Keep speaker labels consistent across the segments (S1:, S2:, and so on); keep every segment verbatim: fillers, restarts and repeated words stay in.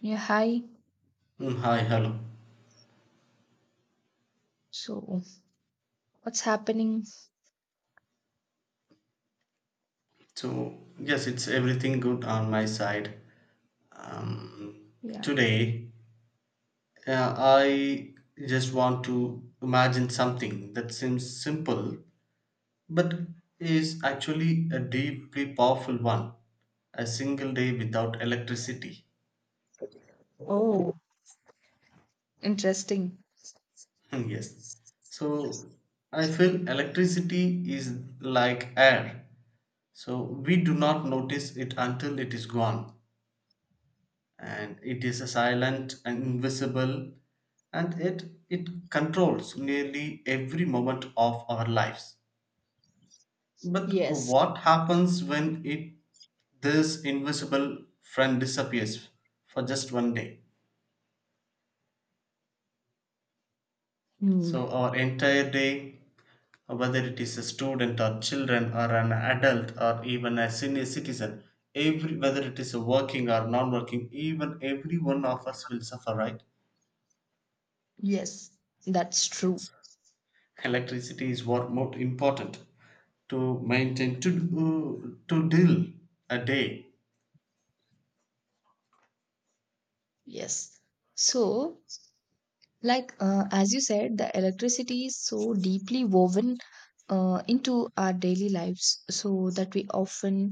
S1: Yeah, hi.
S2: Mm, Hi, hello.
S1: So, what's happening?
S2: So, yes, it's everything good on my side. Um,
S1: Yeah.
S2: today, uh, I just want to imagine something that seems simple but is actually a deeply powerful one. A single day without electricity.
S1: Oh, interesting.
S2: Yes. So, I feel electricity is like air. So, we do not notice it until it is gone, and it is a silent and invisible, and it it controls nearly every moment of our lives, but uh,
S1: Yes.
S2: what happens when it, this invisible friend, disappears for just one day?
S1: Hmm.
S2: So our entire day, uh, whether it is a student or children or an adult or even a senior citizen, every, whether it is a working or non-working, even every one of us will suffer, right?
S1: Yes, that's true.
S2: Yes, electricity is what more important to maintain, to do- to deal a day.
S1: Yes. So, like, uh, as you said, the electricity is so deeply woven uh, into our daily lives, so that we often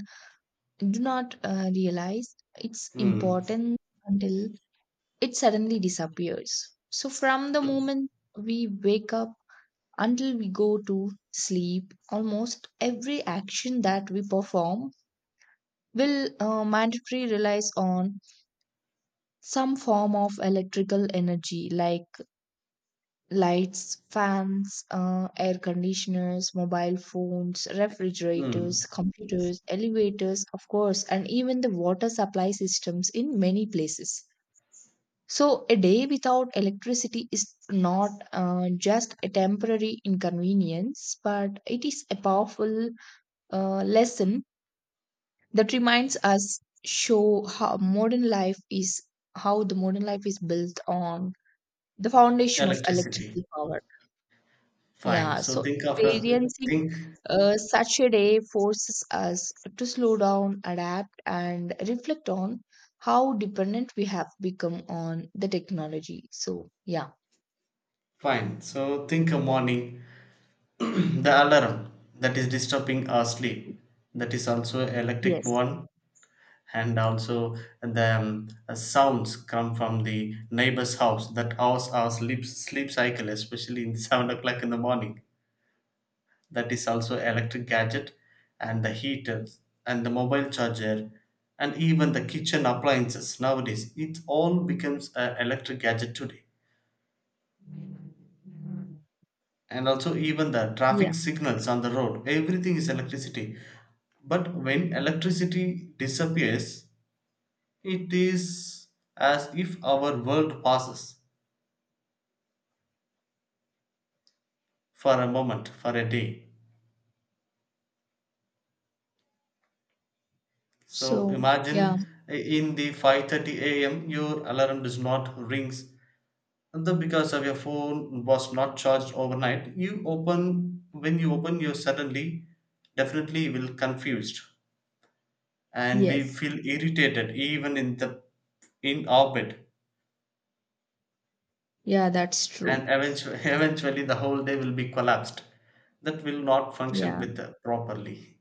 S1: do not uh, realize its
S2: Mm.
S1: importance until it suddenly disappears. So, from the moment we wake up, until we go to sleep, almost every action that we perform will uh, mandatory relies on some form of electrical energy like lights, fans, uh, air conditioners, mobile phones,
S2: Mm.
S1: refrigerators, computers, elevators, of course, and even the water supply systems in many places. So, a day without electricity is not uh, just a temporary inconvenience, but it is a powerful uh, lesson that reminds us show how modern life is how the modern life is built on the foundation of
S2: Electricity,
S1: electrical power.
S2: fine.
S1: Yeah,
S2: So
S1: so
S2: think of a,
S1: experiencing
S2: think,
S1: uh, such a day forces us to slow down, adapt, and reflect on how dependent we have become on the technology. So yeah.
S2: fine, so think a morning. The alarm that is disturbing our sleep, that is also electric
S1: Yes.
S2: one. And also the um, uh, sounds come from the neighbor's house, that house our sleep sleep cycle, especially in seven o'clock in the morning, that is also electric gadget. And the heaters and the mobile charger and even the kitchen appliances, nowadays it all becomes an electric gadget today. And also even the
S1: Yeah.
S2: traffic signals on the road, everything is electricity. But when electricity disappears, it is as if our world passes for a moment, for a day. So
S1: So yeah.
S2: imagine, uh, in the five thirty a m your alarm does not rings, the because of your phone was not charged overnight. You open, when you open, you suddenly definitely will confused, and we
S1: Yes.
S2: feel irritated, even in the, in our bed.
S1: Yeah, that's
S2: And
S1: true.
S2: eventually, eventually the whole day will be collapsed, that will not function
S1: Yeah.
S2: with the properly.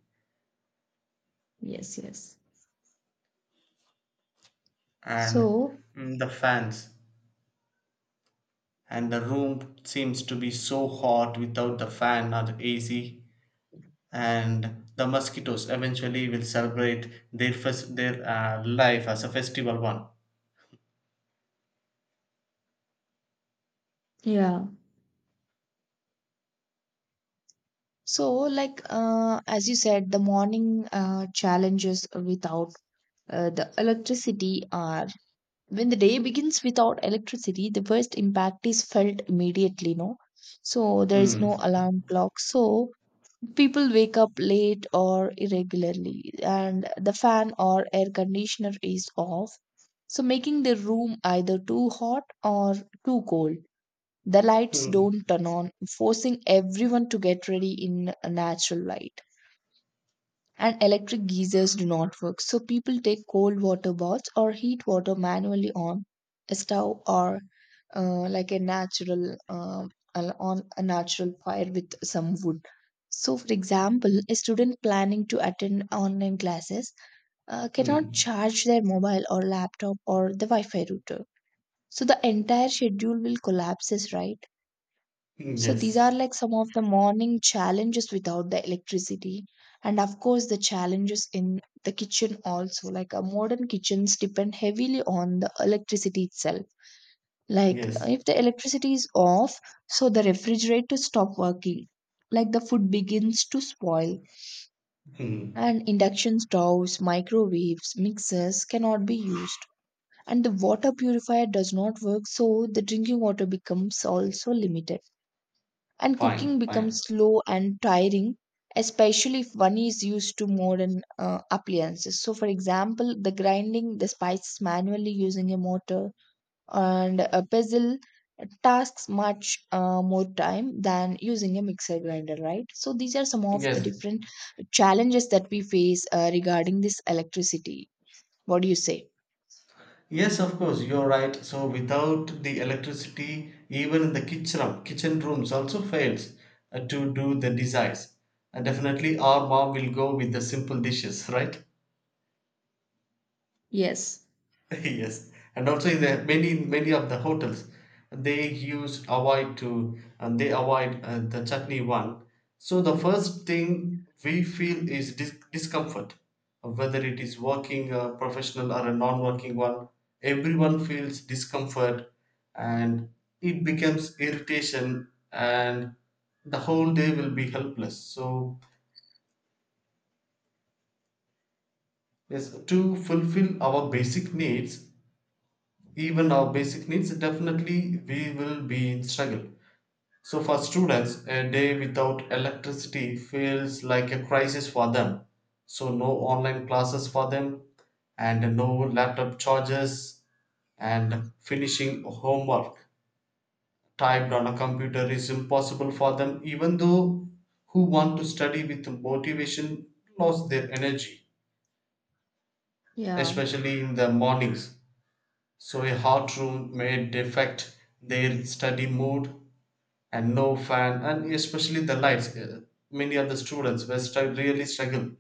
S1: Yes, yes.
S2: And
S1: So
S2: mm, the fans, and the room seems to be so hot without the fan or the ac. And the mosquitoes eventually will celebrate their first, their uh, life as a festival one.
S1: yeah. So, like uh, as you said, the morning uh, challenges without uh, the electricity are when the day begins without electricity, the first impact is felt immediately, no? So, there is
S2: Hmm.
S1: no alarm clock. So, people wake up late or irregularly, and the fan or air conditioner is off. So, making the room either too hot or too cold. The lights
S2: Hmm.
S1: don't turn on, forcing everyone to get ready in a natural light, and electric geysers do not work. So people take cold water baths or heat water manually on a stove, or uh, like a natural um, al- on a natural fire with some wood. So, for example, a student planning to attend online classes uh, cannot
S2: Hmm.
S1: charge their mobile or laptop or the Wi Fi router. So, the entire schedule will collapses, right?
S2: Hmm.
S1: So these
S2: Yes.
S1: are like some of the morning challenges without the electricity. And of course, the challenges in the kitchen also. Like uh, modern kitchens depend heavily on the electricity itself. Like uh,
S2: Yes.
S1: if the electricity is off, so the refrigerator stop working. Like the food begins to spoil,
S2: Hmm.
S1: and induction stoves, microwaves, mixers cannot be used. And the water purifier does not work, so the drinking water becomes also limited, and
S2: Fine.
S1: cooking
S2: Fine.
S1: becomes slow and tiring, especially if one is used to modern uh, appliances. So, for example, the grinding the spices manually using a mortar and a pestle tasks much uh, more time than using a mixer grinder, right? So these are some of the
S2: Yes.
S1: different challenges that we face uh, regarding this electricity. What do you say?
S2: Yes, of course, you're right. So without the electricity, even the kitchen kitchen rooms also fails uh, to do the desires. And definitely, our mom will go with the simple dishes, right?
S1: Yes.
S2: Yes, and also in the many many of the hotels, they use avoid to, and they avoid uh, the chutney one. So the first thing we feel is dis- discomfort, whether it is working a professional or a non-working one. Everyone feels discomfort, and it becomes irritation, and the whole day will be helpless. So yes, to fulfill our basic needs, even our basic needs, definitely we will be in struggle. So for students, a day without electricity feels like a crisis for them. So no online classes for them, and no laptop charges, and finishing homework typed on a computer is impossible for them. Even though who want to study with motivation lost their energy,
S1: Yeah.
S2: especially in the mornings. So a hot room may affect their study mood, and no fan, and especially the lights. Uh, Many of the students were stru- really struggle.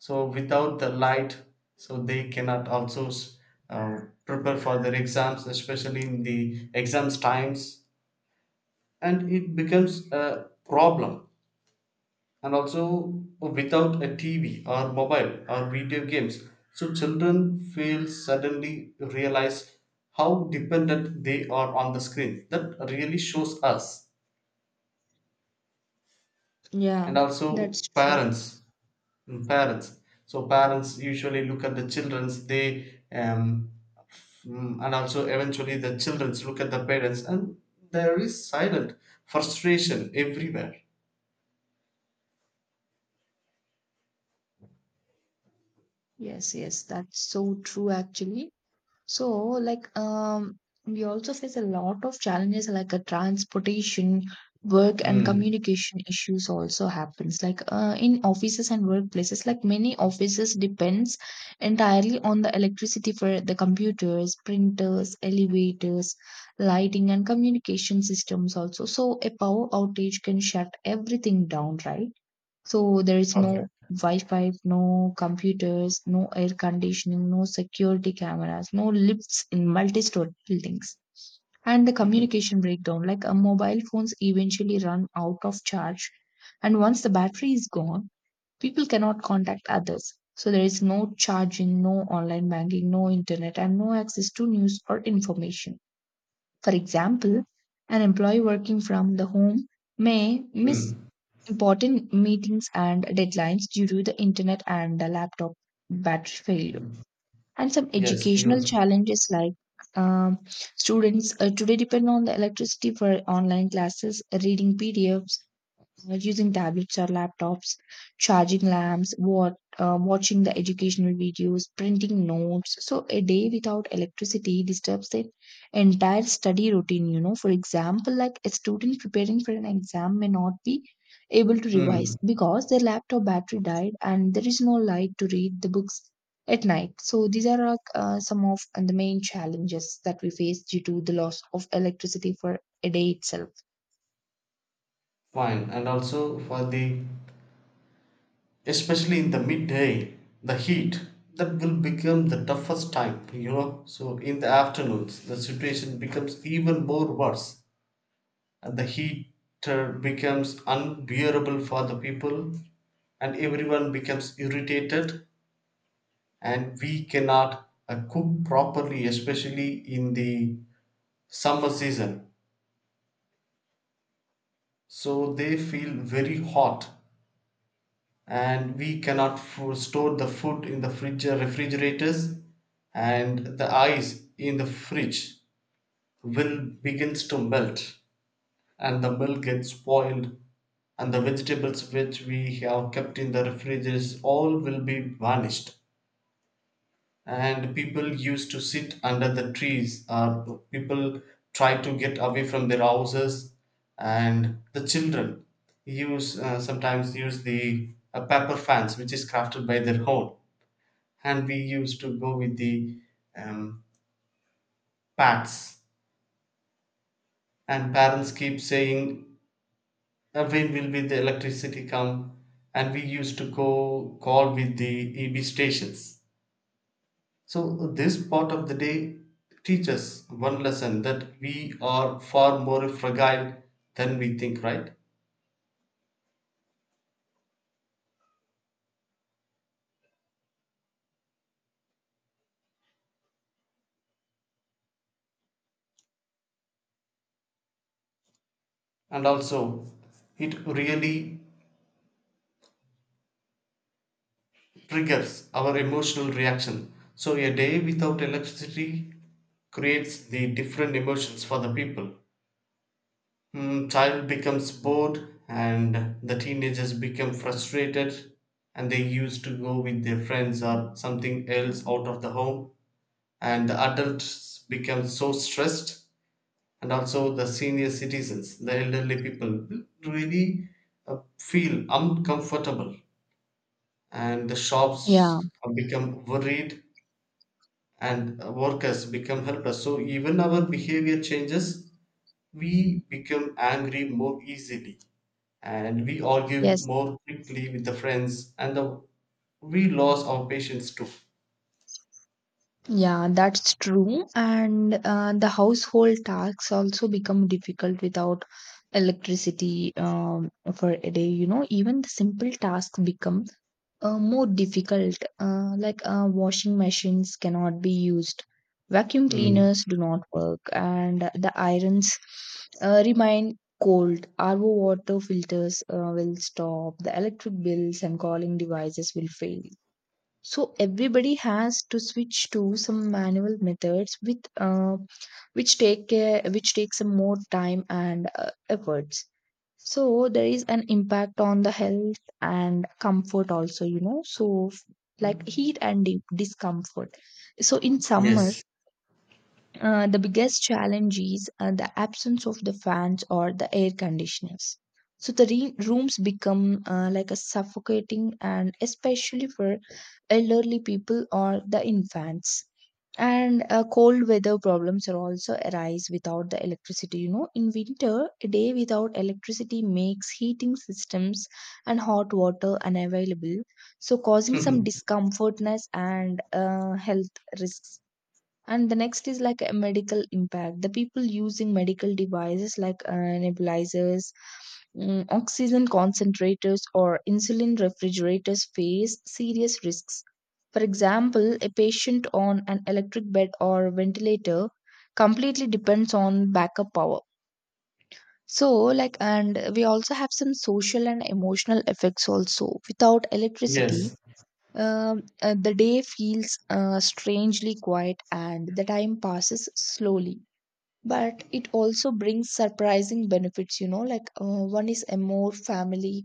S2: So without the light, so they cannot also s- uh, prepare for their exams, especially in the exams times, and it becomes a problem. And also uh, without a T V or mobile or video games, so children feel suddenly realize how dependent they are on the screen. That really shows us.
S1: Yeah,
S2: And also
S1: that's true.
S2: parents. mm, Parents. So parents usually look at the children's. They um, mm, and also eventually the children's look at the parents, and there is silent frustration everywhere.
S1: Yes, yes, that's so true, actually. So, like, um, we also face a lot of challenges like a transportation, work, and
S2: Mm,
S1: communication issues also happens. Like uh, in offices and workplaces, like many offices depends entirely on the electricity for the computers, printers, elevators, lighting, and communication systems also. So a power outage can shut everything down, right? So there is
S2: perfect.
S1: no Wi-Fi, no computers, no air conditioning, no security cameras, no lifts in multi-story buildings. And the communication breakdown, like a mobile phones eventually run out of charge. And once the battery is gone, people cannot contact others. So there is no charging, no online banking, no internet, and no access to news or information. For example, an employee working from the home may miss
S2: Mm,
S1: important meetings and deadlines due to the internet and the laptop battery failure. And some
S2: yes,
S1: educational challenges like um, students uh, today depend on the electricity for online classes, reading P D F s, uh, using tablets or laptops, charging lamps, what, uh, watching the educational videos, printing notes. So a day without electricity disturbs the entire study routine. You know, for example, like a student preparing for an exam may not be able to revise
S2: you.
S1: because their laptop battery died, and there is no light to read the books at night. So these are like, uh, some of the main challenges that we face due to the loss of electricity for a day itself.
S2: Fine, and also for the, especially in the midday, the heat, that will become the toughest time, you know. So in the afternoons the situation becomes even more worse, and the heater becomes unbearable for the people, and everyone becomes irritated, and we cannot uh, cook properly, especially in the summer season, so they feel very hot. And we cannot fo- store the food in the fridge or refrigerators, and the ice in the fridge will begins to melt, and the milk gets spoiled, and the vegetables which we have kept in the refrigerators all will be vanished. And people used to sit under the trees, or people try to get away from their houses. And the children use uh, sometimes use the uh, paper fans which is crafted by their own. And we used to go with the um, pads, and parents keep saying, "Uh, when will be the electricity come," and we used to go call with the eb stations. So this part of the day teaches one lesson, that we are far more fragile than we think, right? And also it really triggers our emotional reaction. So a day without electricity creates the different emotions for the people. Mm, child becomes bored, and the teenagers become frustrated, and they used to go with their friends or something else out of the home. And the adults become so stressed, and also the senior citizens, the elderly people, will really uh, feel uncomfortable, and the shops
S1: Yeah.
S2: have become worried, and uh, workers become helpless. So even our behavior changes, we become angry more easily, and we argue
S1: Yes.
S2: more quickly with the friends and the, we lose our patience too.
S1: Yeah, that's true. And uh, the household tasks also become difficult without electricity um, for a day. You know, even the simple tasks become uh, more difficult. Uh, like uh, washing machines cannot be used, vacuum
S2: Hmm.
S1: cleaners do not work, and the irons uh, remain cold. R O water filters uh, will stop, the electric bills and calling devices will fail, so everybody has to switch to some manual methods with uh, which take care which take some more time and uh, efforts. So there is an impact on the health and comfort also. You know so f- like
S2: Mm.
S1: heat and di- discomfort. So in summer,
S2: Yes.
S1: uh, the biggest challenge is uh, the absence of the fans or the air conditioners. So the re- rooms become uh, like a suffocating, and especially for elderly people or the infants. And uh, cold weather problems are also arise without the electricity. You know, in winter, a day without electricity makes heating systems and hot water unavailable, so causing some discomfortness and uh, health risks. And the next is like a medical impact. The people using medical devices like uh, nebulizers, mm, oxygen concentrators, or insulin refrigerators face serious risks. For example, a patient on an electric bed or ventilator completely depends on backup power. So, like, and we also have some social and emotional effects also. Without electricity,
S2: Yes.
S1: um, uh, the day feels uh, strangely quiet, and the time passes slowly, but it also brings surprising benefits. You know like uh, one is a more family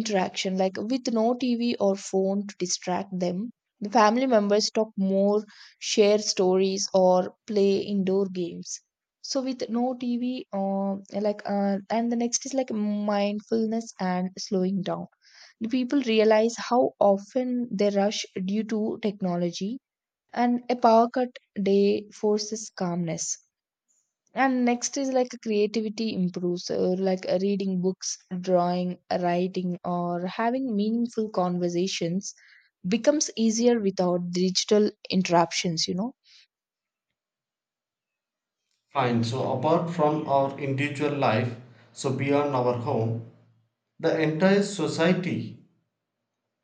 S1: interaction, like with no TV or phone to distract them, the family members talk more, share stories, or play indoor games. So with no TV, uh, like, uh, and the next is like mindfulness and slowing down. The people realize how often they rush due to technology, and a power cut day forces calmness. And next is like creativity improves, uh, like uh, reading books, drawing, writing, or having meaningful conversations becomes easier without digital interruptions you know
S2: Fine. So apart from our individual life, so beyond our home, the entire society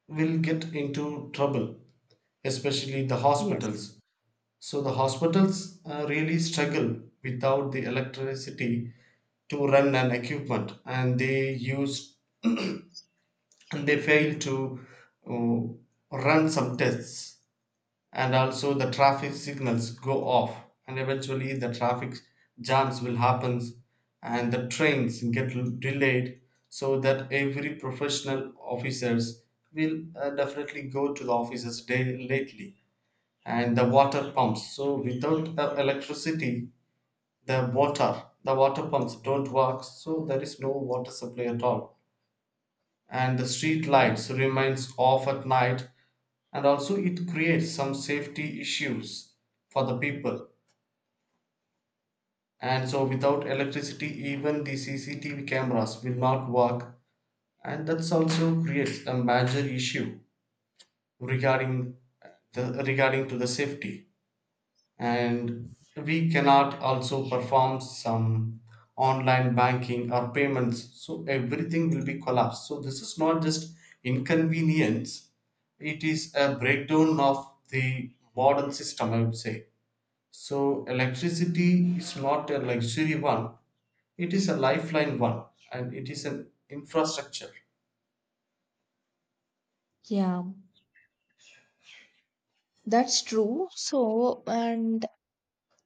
S2: will get into trouble, especially the
S1: Yes.
S2: hospitals. So the hospitals uh, really struggle without the electricity to run an equipment, and they use, and they fail to uh, run some tests. And also the traffic signals go off, and eventually the traffic jams will happen, and the trains get l- delayed, so that every professional officers will uh, definitely go to the offices day lately. And the water pumps, so without the electricity, the water, the water pumps don't work, so there is no water supply at all. And the street
S1: Yeah.
S2: lights remains off at night, and also it creates some safety issues for the people. And so without electricity, even the cctv cameras will not work, and that's also creates a major issue regarding the, regarding to the safety. And we cannot also perform some online banking or payments, so everything will be collapsed. So this is not just inconvenience, it is a breakdown of the modern system, I would say. So electricity is not a luxury one, it is a lifeline one, and it is an infrastructure.
S1: Yeah, that's true. So, and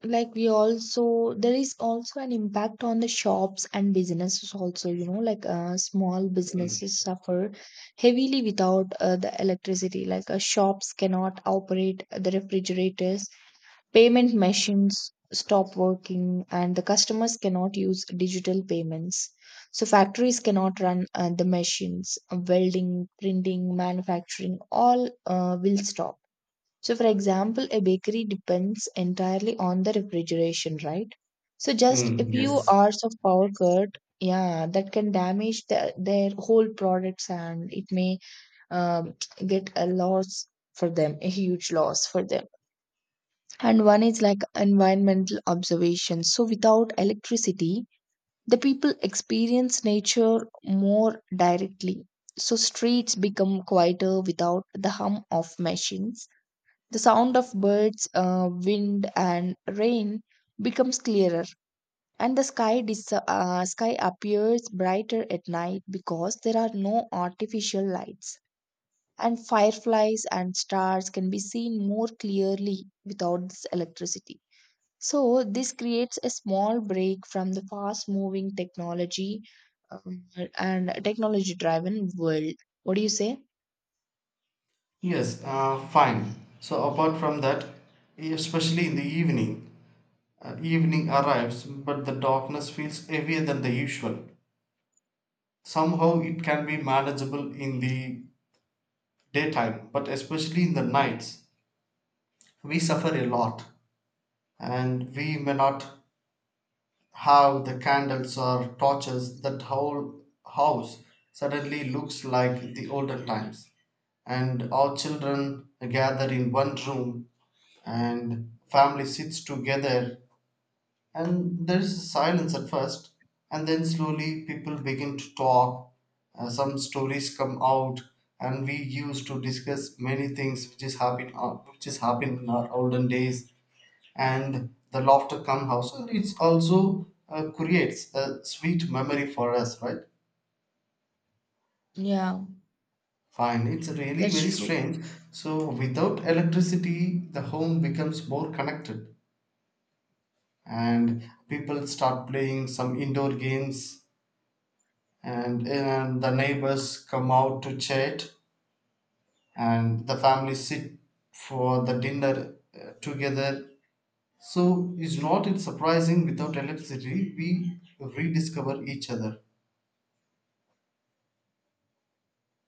S1: like we also, there is also an impact on the shops and businesses also. You know like uh, small
S2: Hmm.
S1: businesses suffer heavily without uh, the electricity. Like uh, shops cannot operate the refrigerators, payment machines stop working, and the customers cannot use digital payments. So factories cannot run uh, the machines, welding, printing, manufacturing, all uh, will stop. So, for example, a bakery depends entirely on the refrigeration, right? So, just a
S2: Hmm,
S1: few
S2: yes.
S1: hours of power cut, yeah, that can damage the, their whole products, and it may um, get a loss for them, a huge loss for them. And one is like environmental observation. So, without electricity, the people experience nature more directly. So, streets become quieter without the hum of machines, the sound of birds, uh, wind, and rain becomes clearer, and the sky, dis- uh, sky appears brighter at night, because there are no artificial lights. And fireflies and stars can be seen more clearly without this electricity. So, this creates a small break from the fast moving technology, um, and technology driven world. What do you say?
S2: Yes, uh, fine. So apart from that, especially in the evening, uh, evening arrives, but the darkness feels heavier than the usual. Somehow it can be manageable in the daytime, but especially in the nights, we suffer a lot, and we may not how the candles or torches, that whole house suddenly looks like the olden times. And all children gather in one room, and family sits together, and there is silence at first, and then slowly people begin to talk. Uh, some stories come out, and we used to discuss many things which is happening, which is happening in our olden days, and the laughter come house, and it's also uh, creates a sweet memory for us, right?
S1: Yeah,
S2: Fine, it's really
S1: that's
S2: very
S1: true.
S2: strange. So without electricity the home becomes more connected, and people start playing some indoor games, and, and the neighbors come out to chat, and the family sit for the dinner uh, together. So is not it surprising, without electricity we rediscover each other?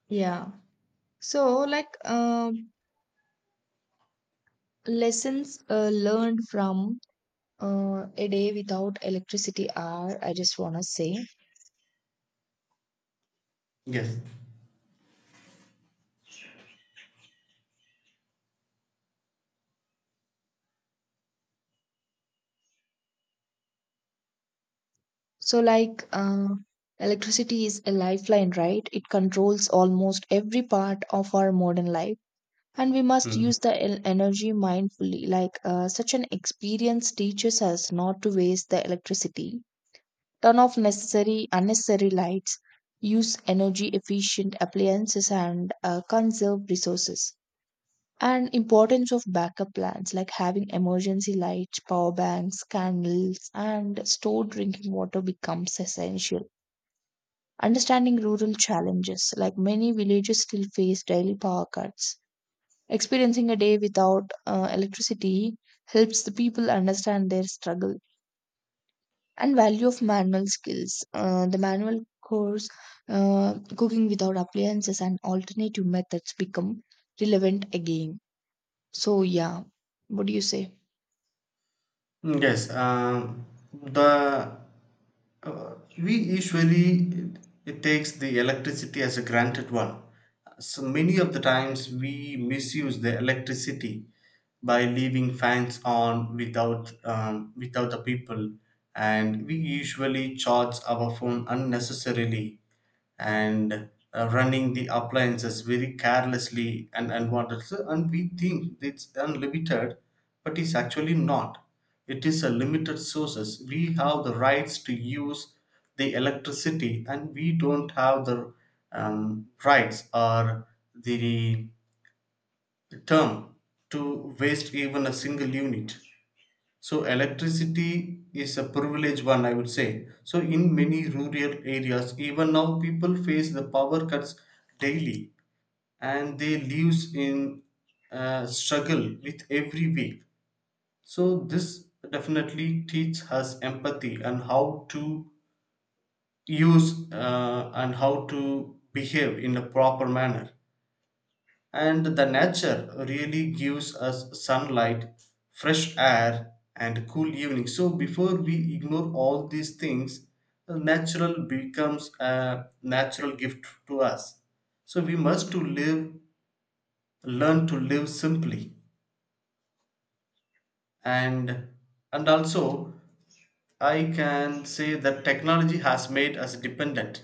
S1: Yeah. So, like, um, lessons uh, learned from uh, a day without electricity are, I just want to say.
S2: Yes.
S1: So, like, uh, electricity is a lifeline, right? It controls almost every part of our modern life. And we must
S2: Mm.
S1: use the el- energy mindfully. Like, uh, such an experience teaches us not to waste the electricity, turn off necessary, unnecessary lights, use energy efficient appliances, and uh, conserve resources. And importance of backup plans like having emergency lights, power banks, candles, and stored drinking water becomes essential. Understanding rural challenges like many villages still face daily power cuts. Experiencing a day without uh, electricity helps the people understand their struggle. And value of manual skills, uh, the manual course uh, cooking without appliances, and alternative methods become relevant again. So yeah, what do you say?
S2: Mm, yes, um, the uh, we usually it, takes the electricity as a granted one. So many of the times we misuse the electricity by leaving fans on without um, without the people, and we usually charge our phone unnecessarily, and uh, running the appliances very carelessly and unwanted. So, and we think it's unlimited, but it's actually not. It is a limited sources. We have the rights to use the electricity, and we don't have the um, rights or the term to waste even a single unit. So electricity is a privileged one, I would say. So in many rural areas, even now people face the power cuts daily, and they lives in uh, struggle with every week. So this definitely teach us empathy, and how to use uh, and how to behave in a proper manner. And the nature really gives us sunlight, fresh air, and cool evenings. So before we ignore all these things, uh, natural becomes a natural gift to us. So we must to live, learn to live simply. And and also I can say that technology has made us dependent.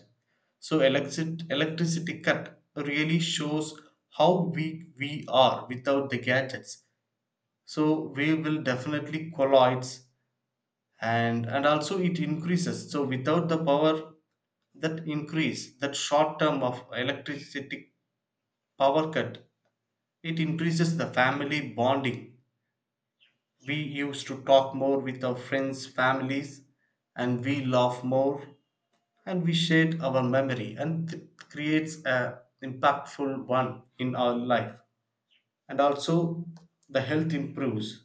S2: So electric, electricity cut really shows how weak we are without the gadgets, so we will definitely collides. and and also it increases, so without the power, that increase, that short term of electricity power cut, it increases the family bonding. We used to talk more with our friends families, and we laugh more, and we shared our memory, and it creates a impactful one in our life. And also the health improves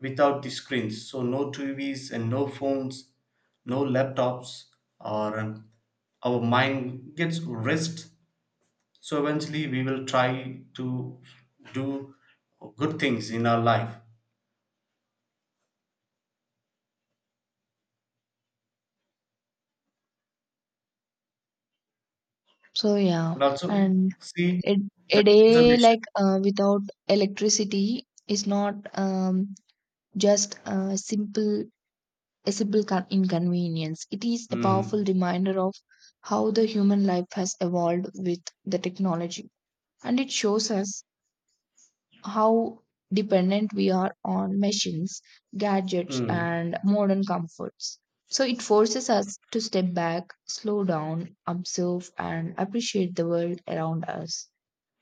S2: without the screens, so no tvs and no phones, no laptops, or um, our mind gets rest. So eventually we will try to do good things in our life.
S1: So
S2: And
S1: yeah,
S2: also
S1: and
S2: see
S1: it,
S2: the
S1: a day
S2: conservation.
S1: like uh, without electricity is not um, just a simple, a simple con- inconvenience. It is a
S2: Hmm.
S1: powerful reminder of how the human life has evolved with the technology, and it shows us how dependent we are on machines, gadgets,
S2: Hmm.
S1: and modern comforts. So it forces us to step back, slow down, observe, and appreciate the world around us.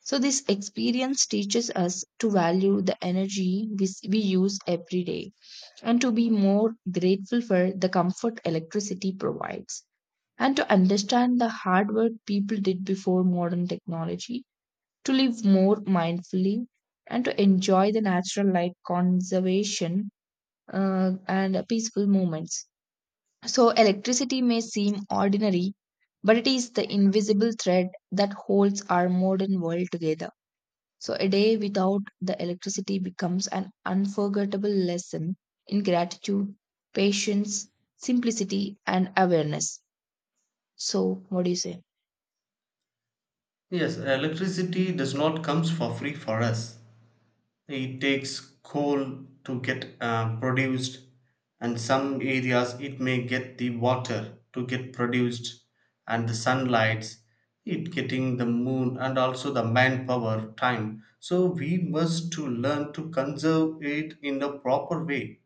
S1: So, this experience teaches us to value the energy we, s- we use every day, and to be more grateful for the comfort electricity provides, and to understand the hard work people did before modern technology, to live more mindfully, and to enjoy the natural light conservation uh, and peaceful moments. So, electricity may seem ordinary, but it is the invisible thread that holds our modern world together. So a day without the electricity becomes an unforgettable lesson in gratitude, patience, simplicity, and awareness. So, what do you say?
S2: Yes, electricity does not comes for free for us. It takes coal to get uh, produced, and some areas it may get the water to get produced, and the sunlights, it getting the moon, and also the manpower time. So we must to learn to conserve it in a proper way,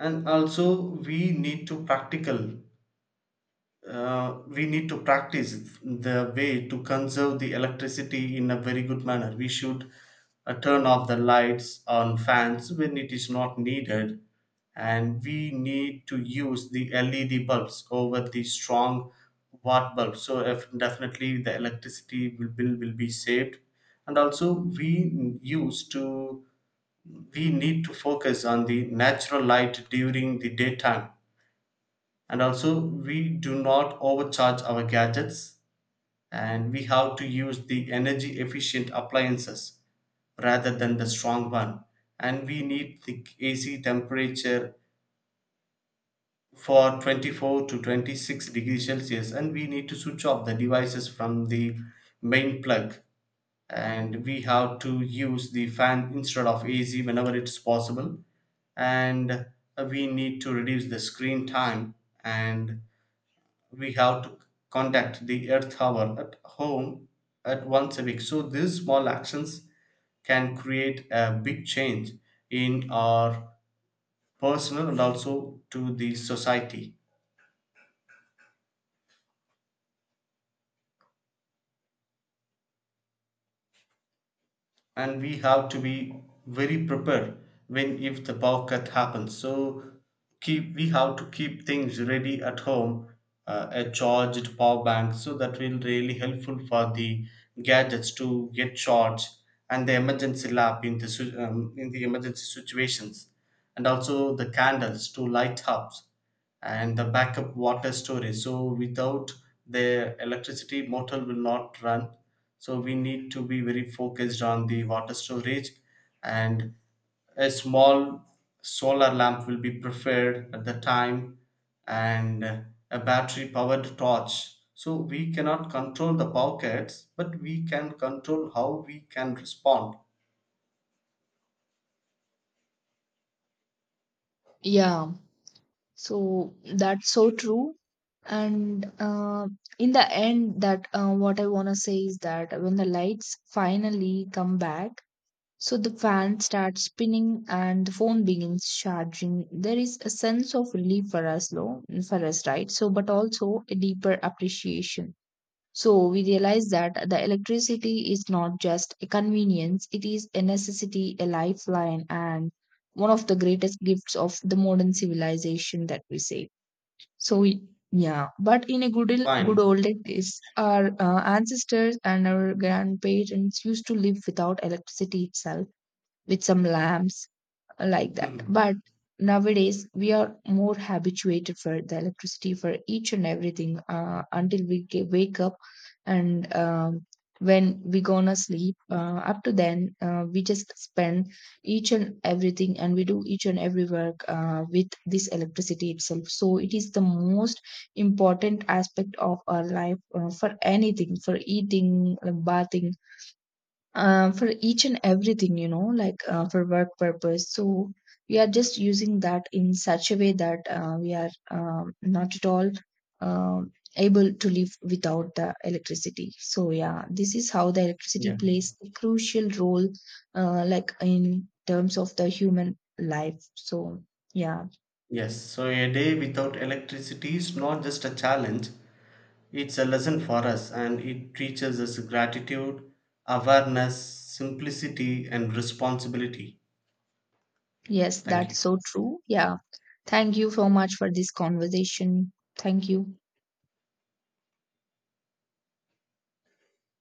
S2: and also we need to practical, uh, we need to practice the way to conserve the electricity in a very good manner. We should uh, turn off the lights on fans when it is not needed, and we need to use the L E D bulbs over the strong watt bulbs. So if definitely the electricity will bill will be saved. And also we use to, we need to focus on the natural light during the daytime, and also we do not overcharge our gadgets, and we have to use the energy efficient appliances rather than the strong one. And we need the ac temperature for twenty-four to twenty-six degrees celsius, and we need to switch off the devices from the main plug, and we have to use the fan instead of ac whenever it's possible. And we need to reduce the screen time, and we have to contact the earth hour at home at once a week. So these small actions can create a big change in our personal and also to the society. And we have to be very prepared when if the power cut happens. So keep, we have to keep things ready at home, uh, a charged power bank, so that will really helpful for the gadgets to get charged, and the emergency lamp in the si- um, in the emergency situations, and also the candles to light up, and the backup water storage. So without the electricity, motor will not run. So we need to be very focused on the water storage, and a small solar lamp will be preferred at the time, and a battery powered torch. So we cannot control the power cuts, but we can control how we can respond.
S1: Yeah, so that's so true. And uh, in the end, that uh, what I want to say is that when the lights finally come back, so the fan starts spinning, and the phone begins charging. There is a sense of relief for us, though. For us, right? So, but also a deeper appreciation. So we realize that the electricity is not just a convenience, it is a necessity, a lifeline, and one of the greatest gifts of the modern civilization that we say. So we- yeah, but in a good il- good
S2: Fine.
S1: old days, our uh, ancestors and our grandparents used to live without electricity itself, with some lamps uh, like that. But nowadays, we are more habituated for the electricity for each and everything uh, until we ge- wake up, and um, when we gonna sleep. Uh, up to then, uh, we just spend each and everything, and we do each and every work uh, with this electricity itself. So it is the most important aspect of our life, uh, for anything, for eating, uh, bathing, uh, for each and everything. You know like uh, for work purpose, so we are just using that in such a way that uh, we are um, not at all um, able to live without the electricity. So yeah, this is how the electricity
S2: Yeah.
S1: plays a crucial role, uh, like in terms of the human life. So yeah.
S2: Yes. So a day without electricity is not just a challenge; it's a lesson for us, and it teaches us gratitude, awareness, simplicity, and responsibility.
S1: Yes,
S2: Thank you.
S1: that's so true. Yeah. Thank you so much for this conversation. Thank you.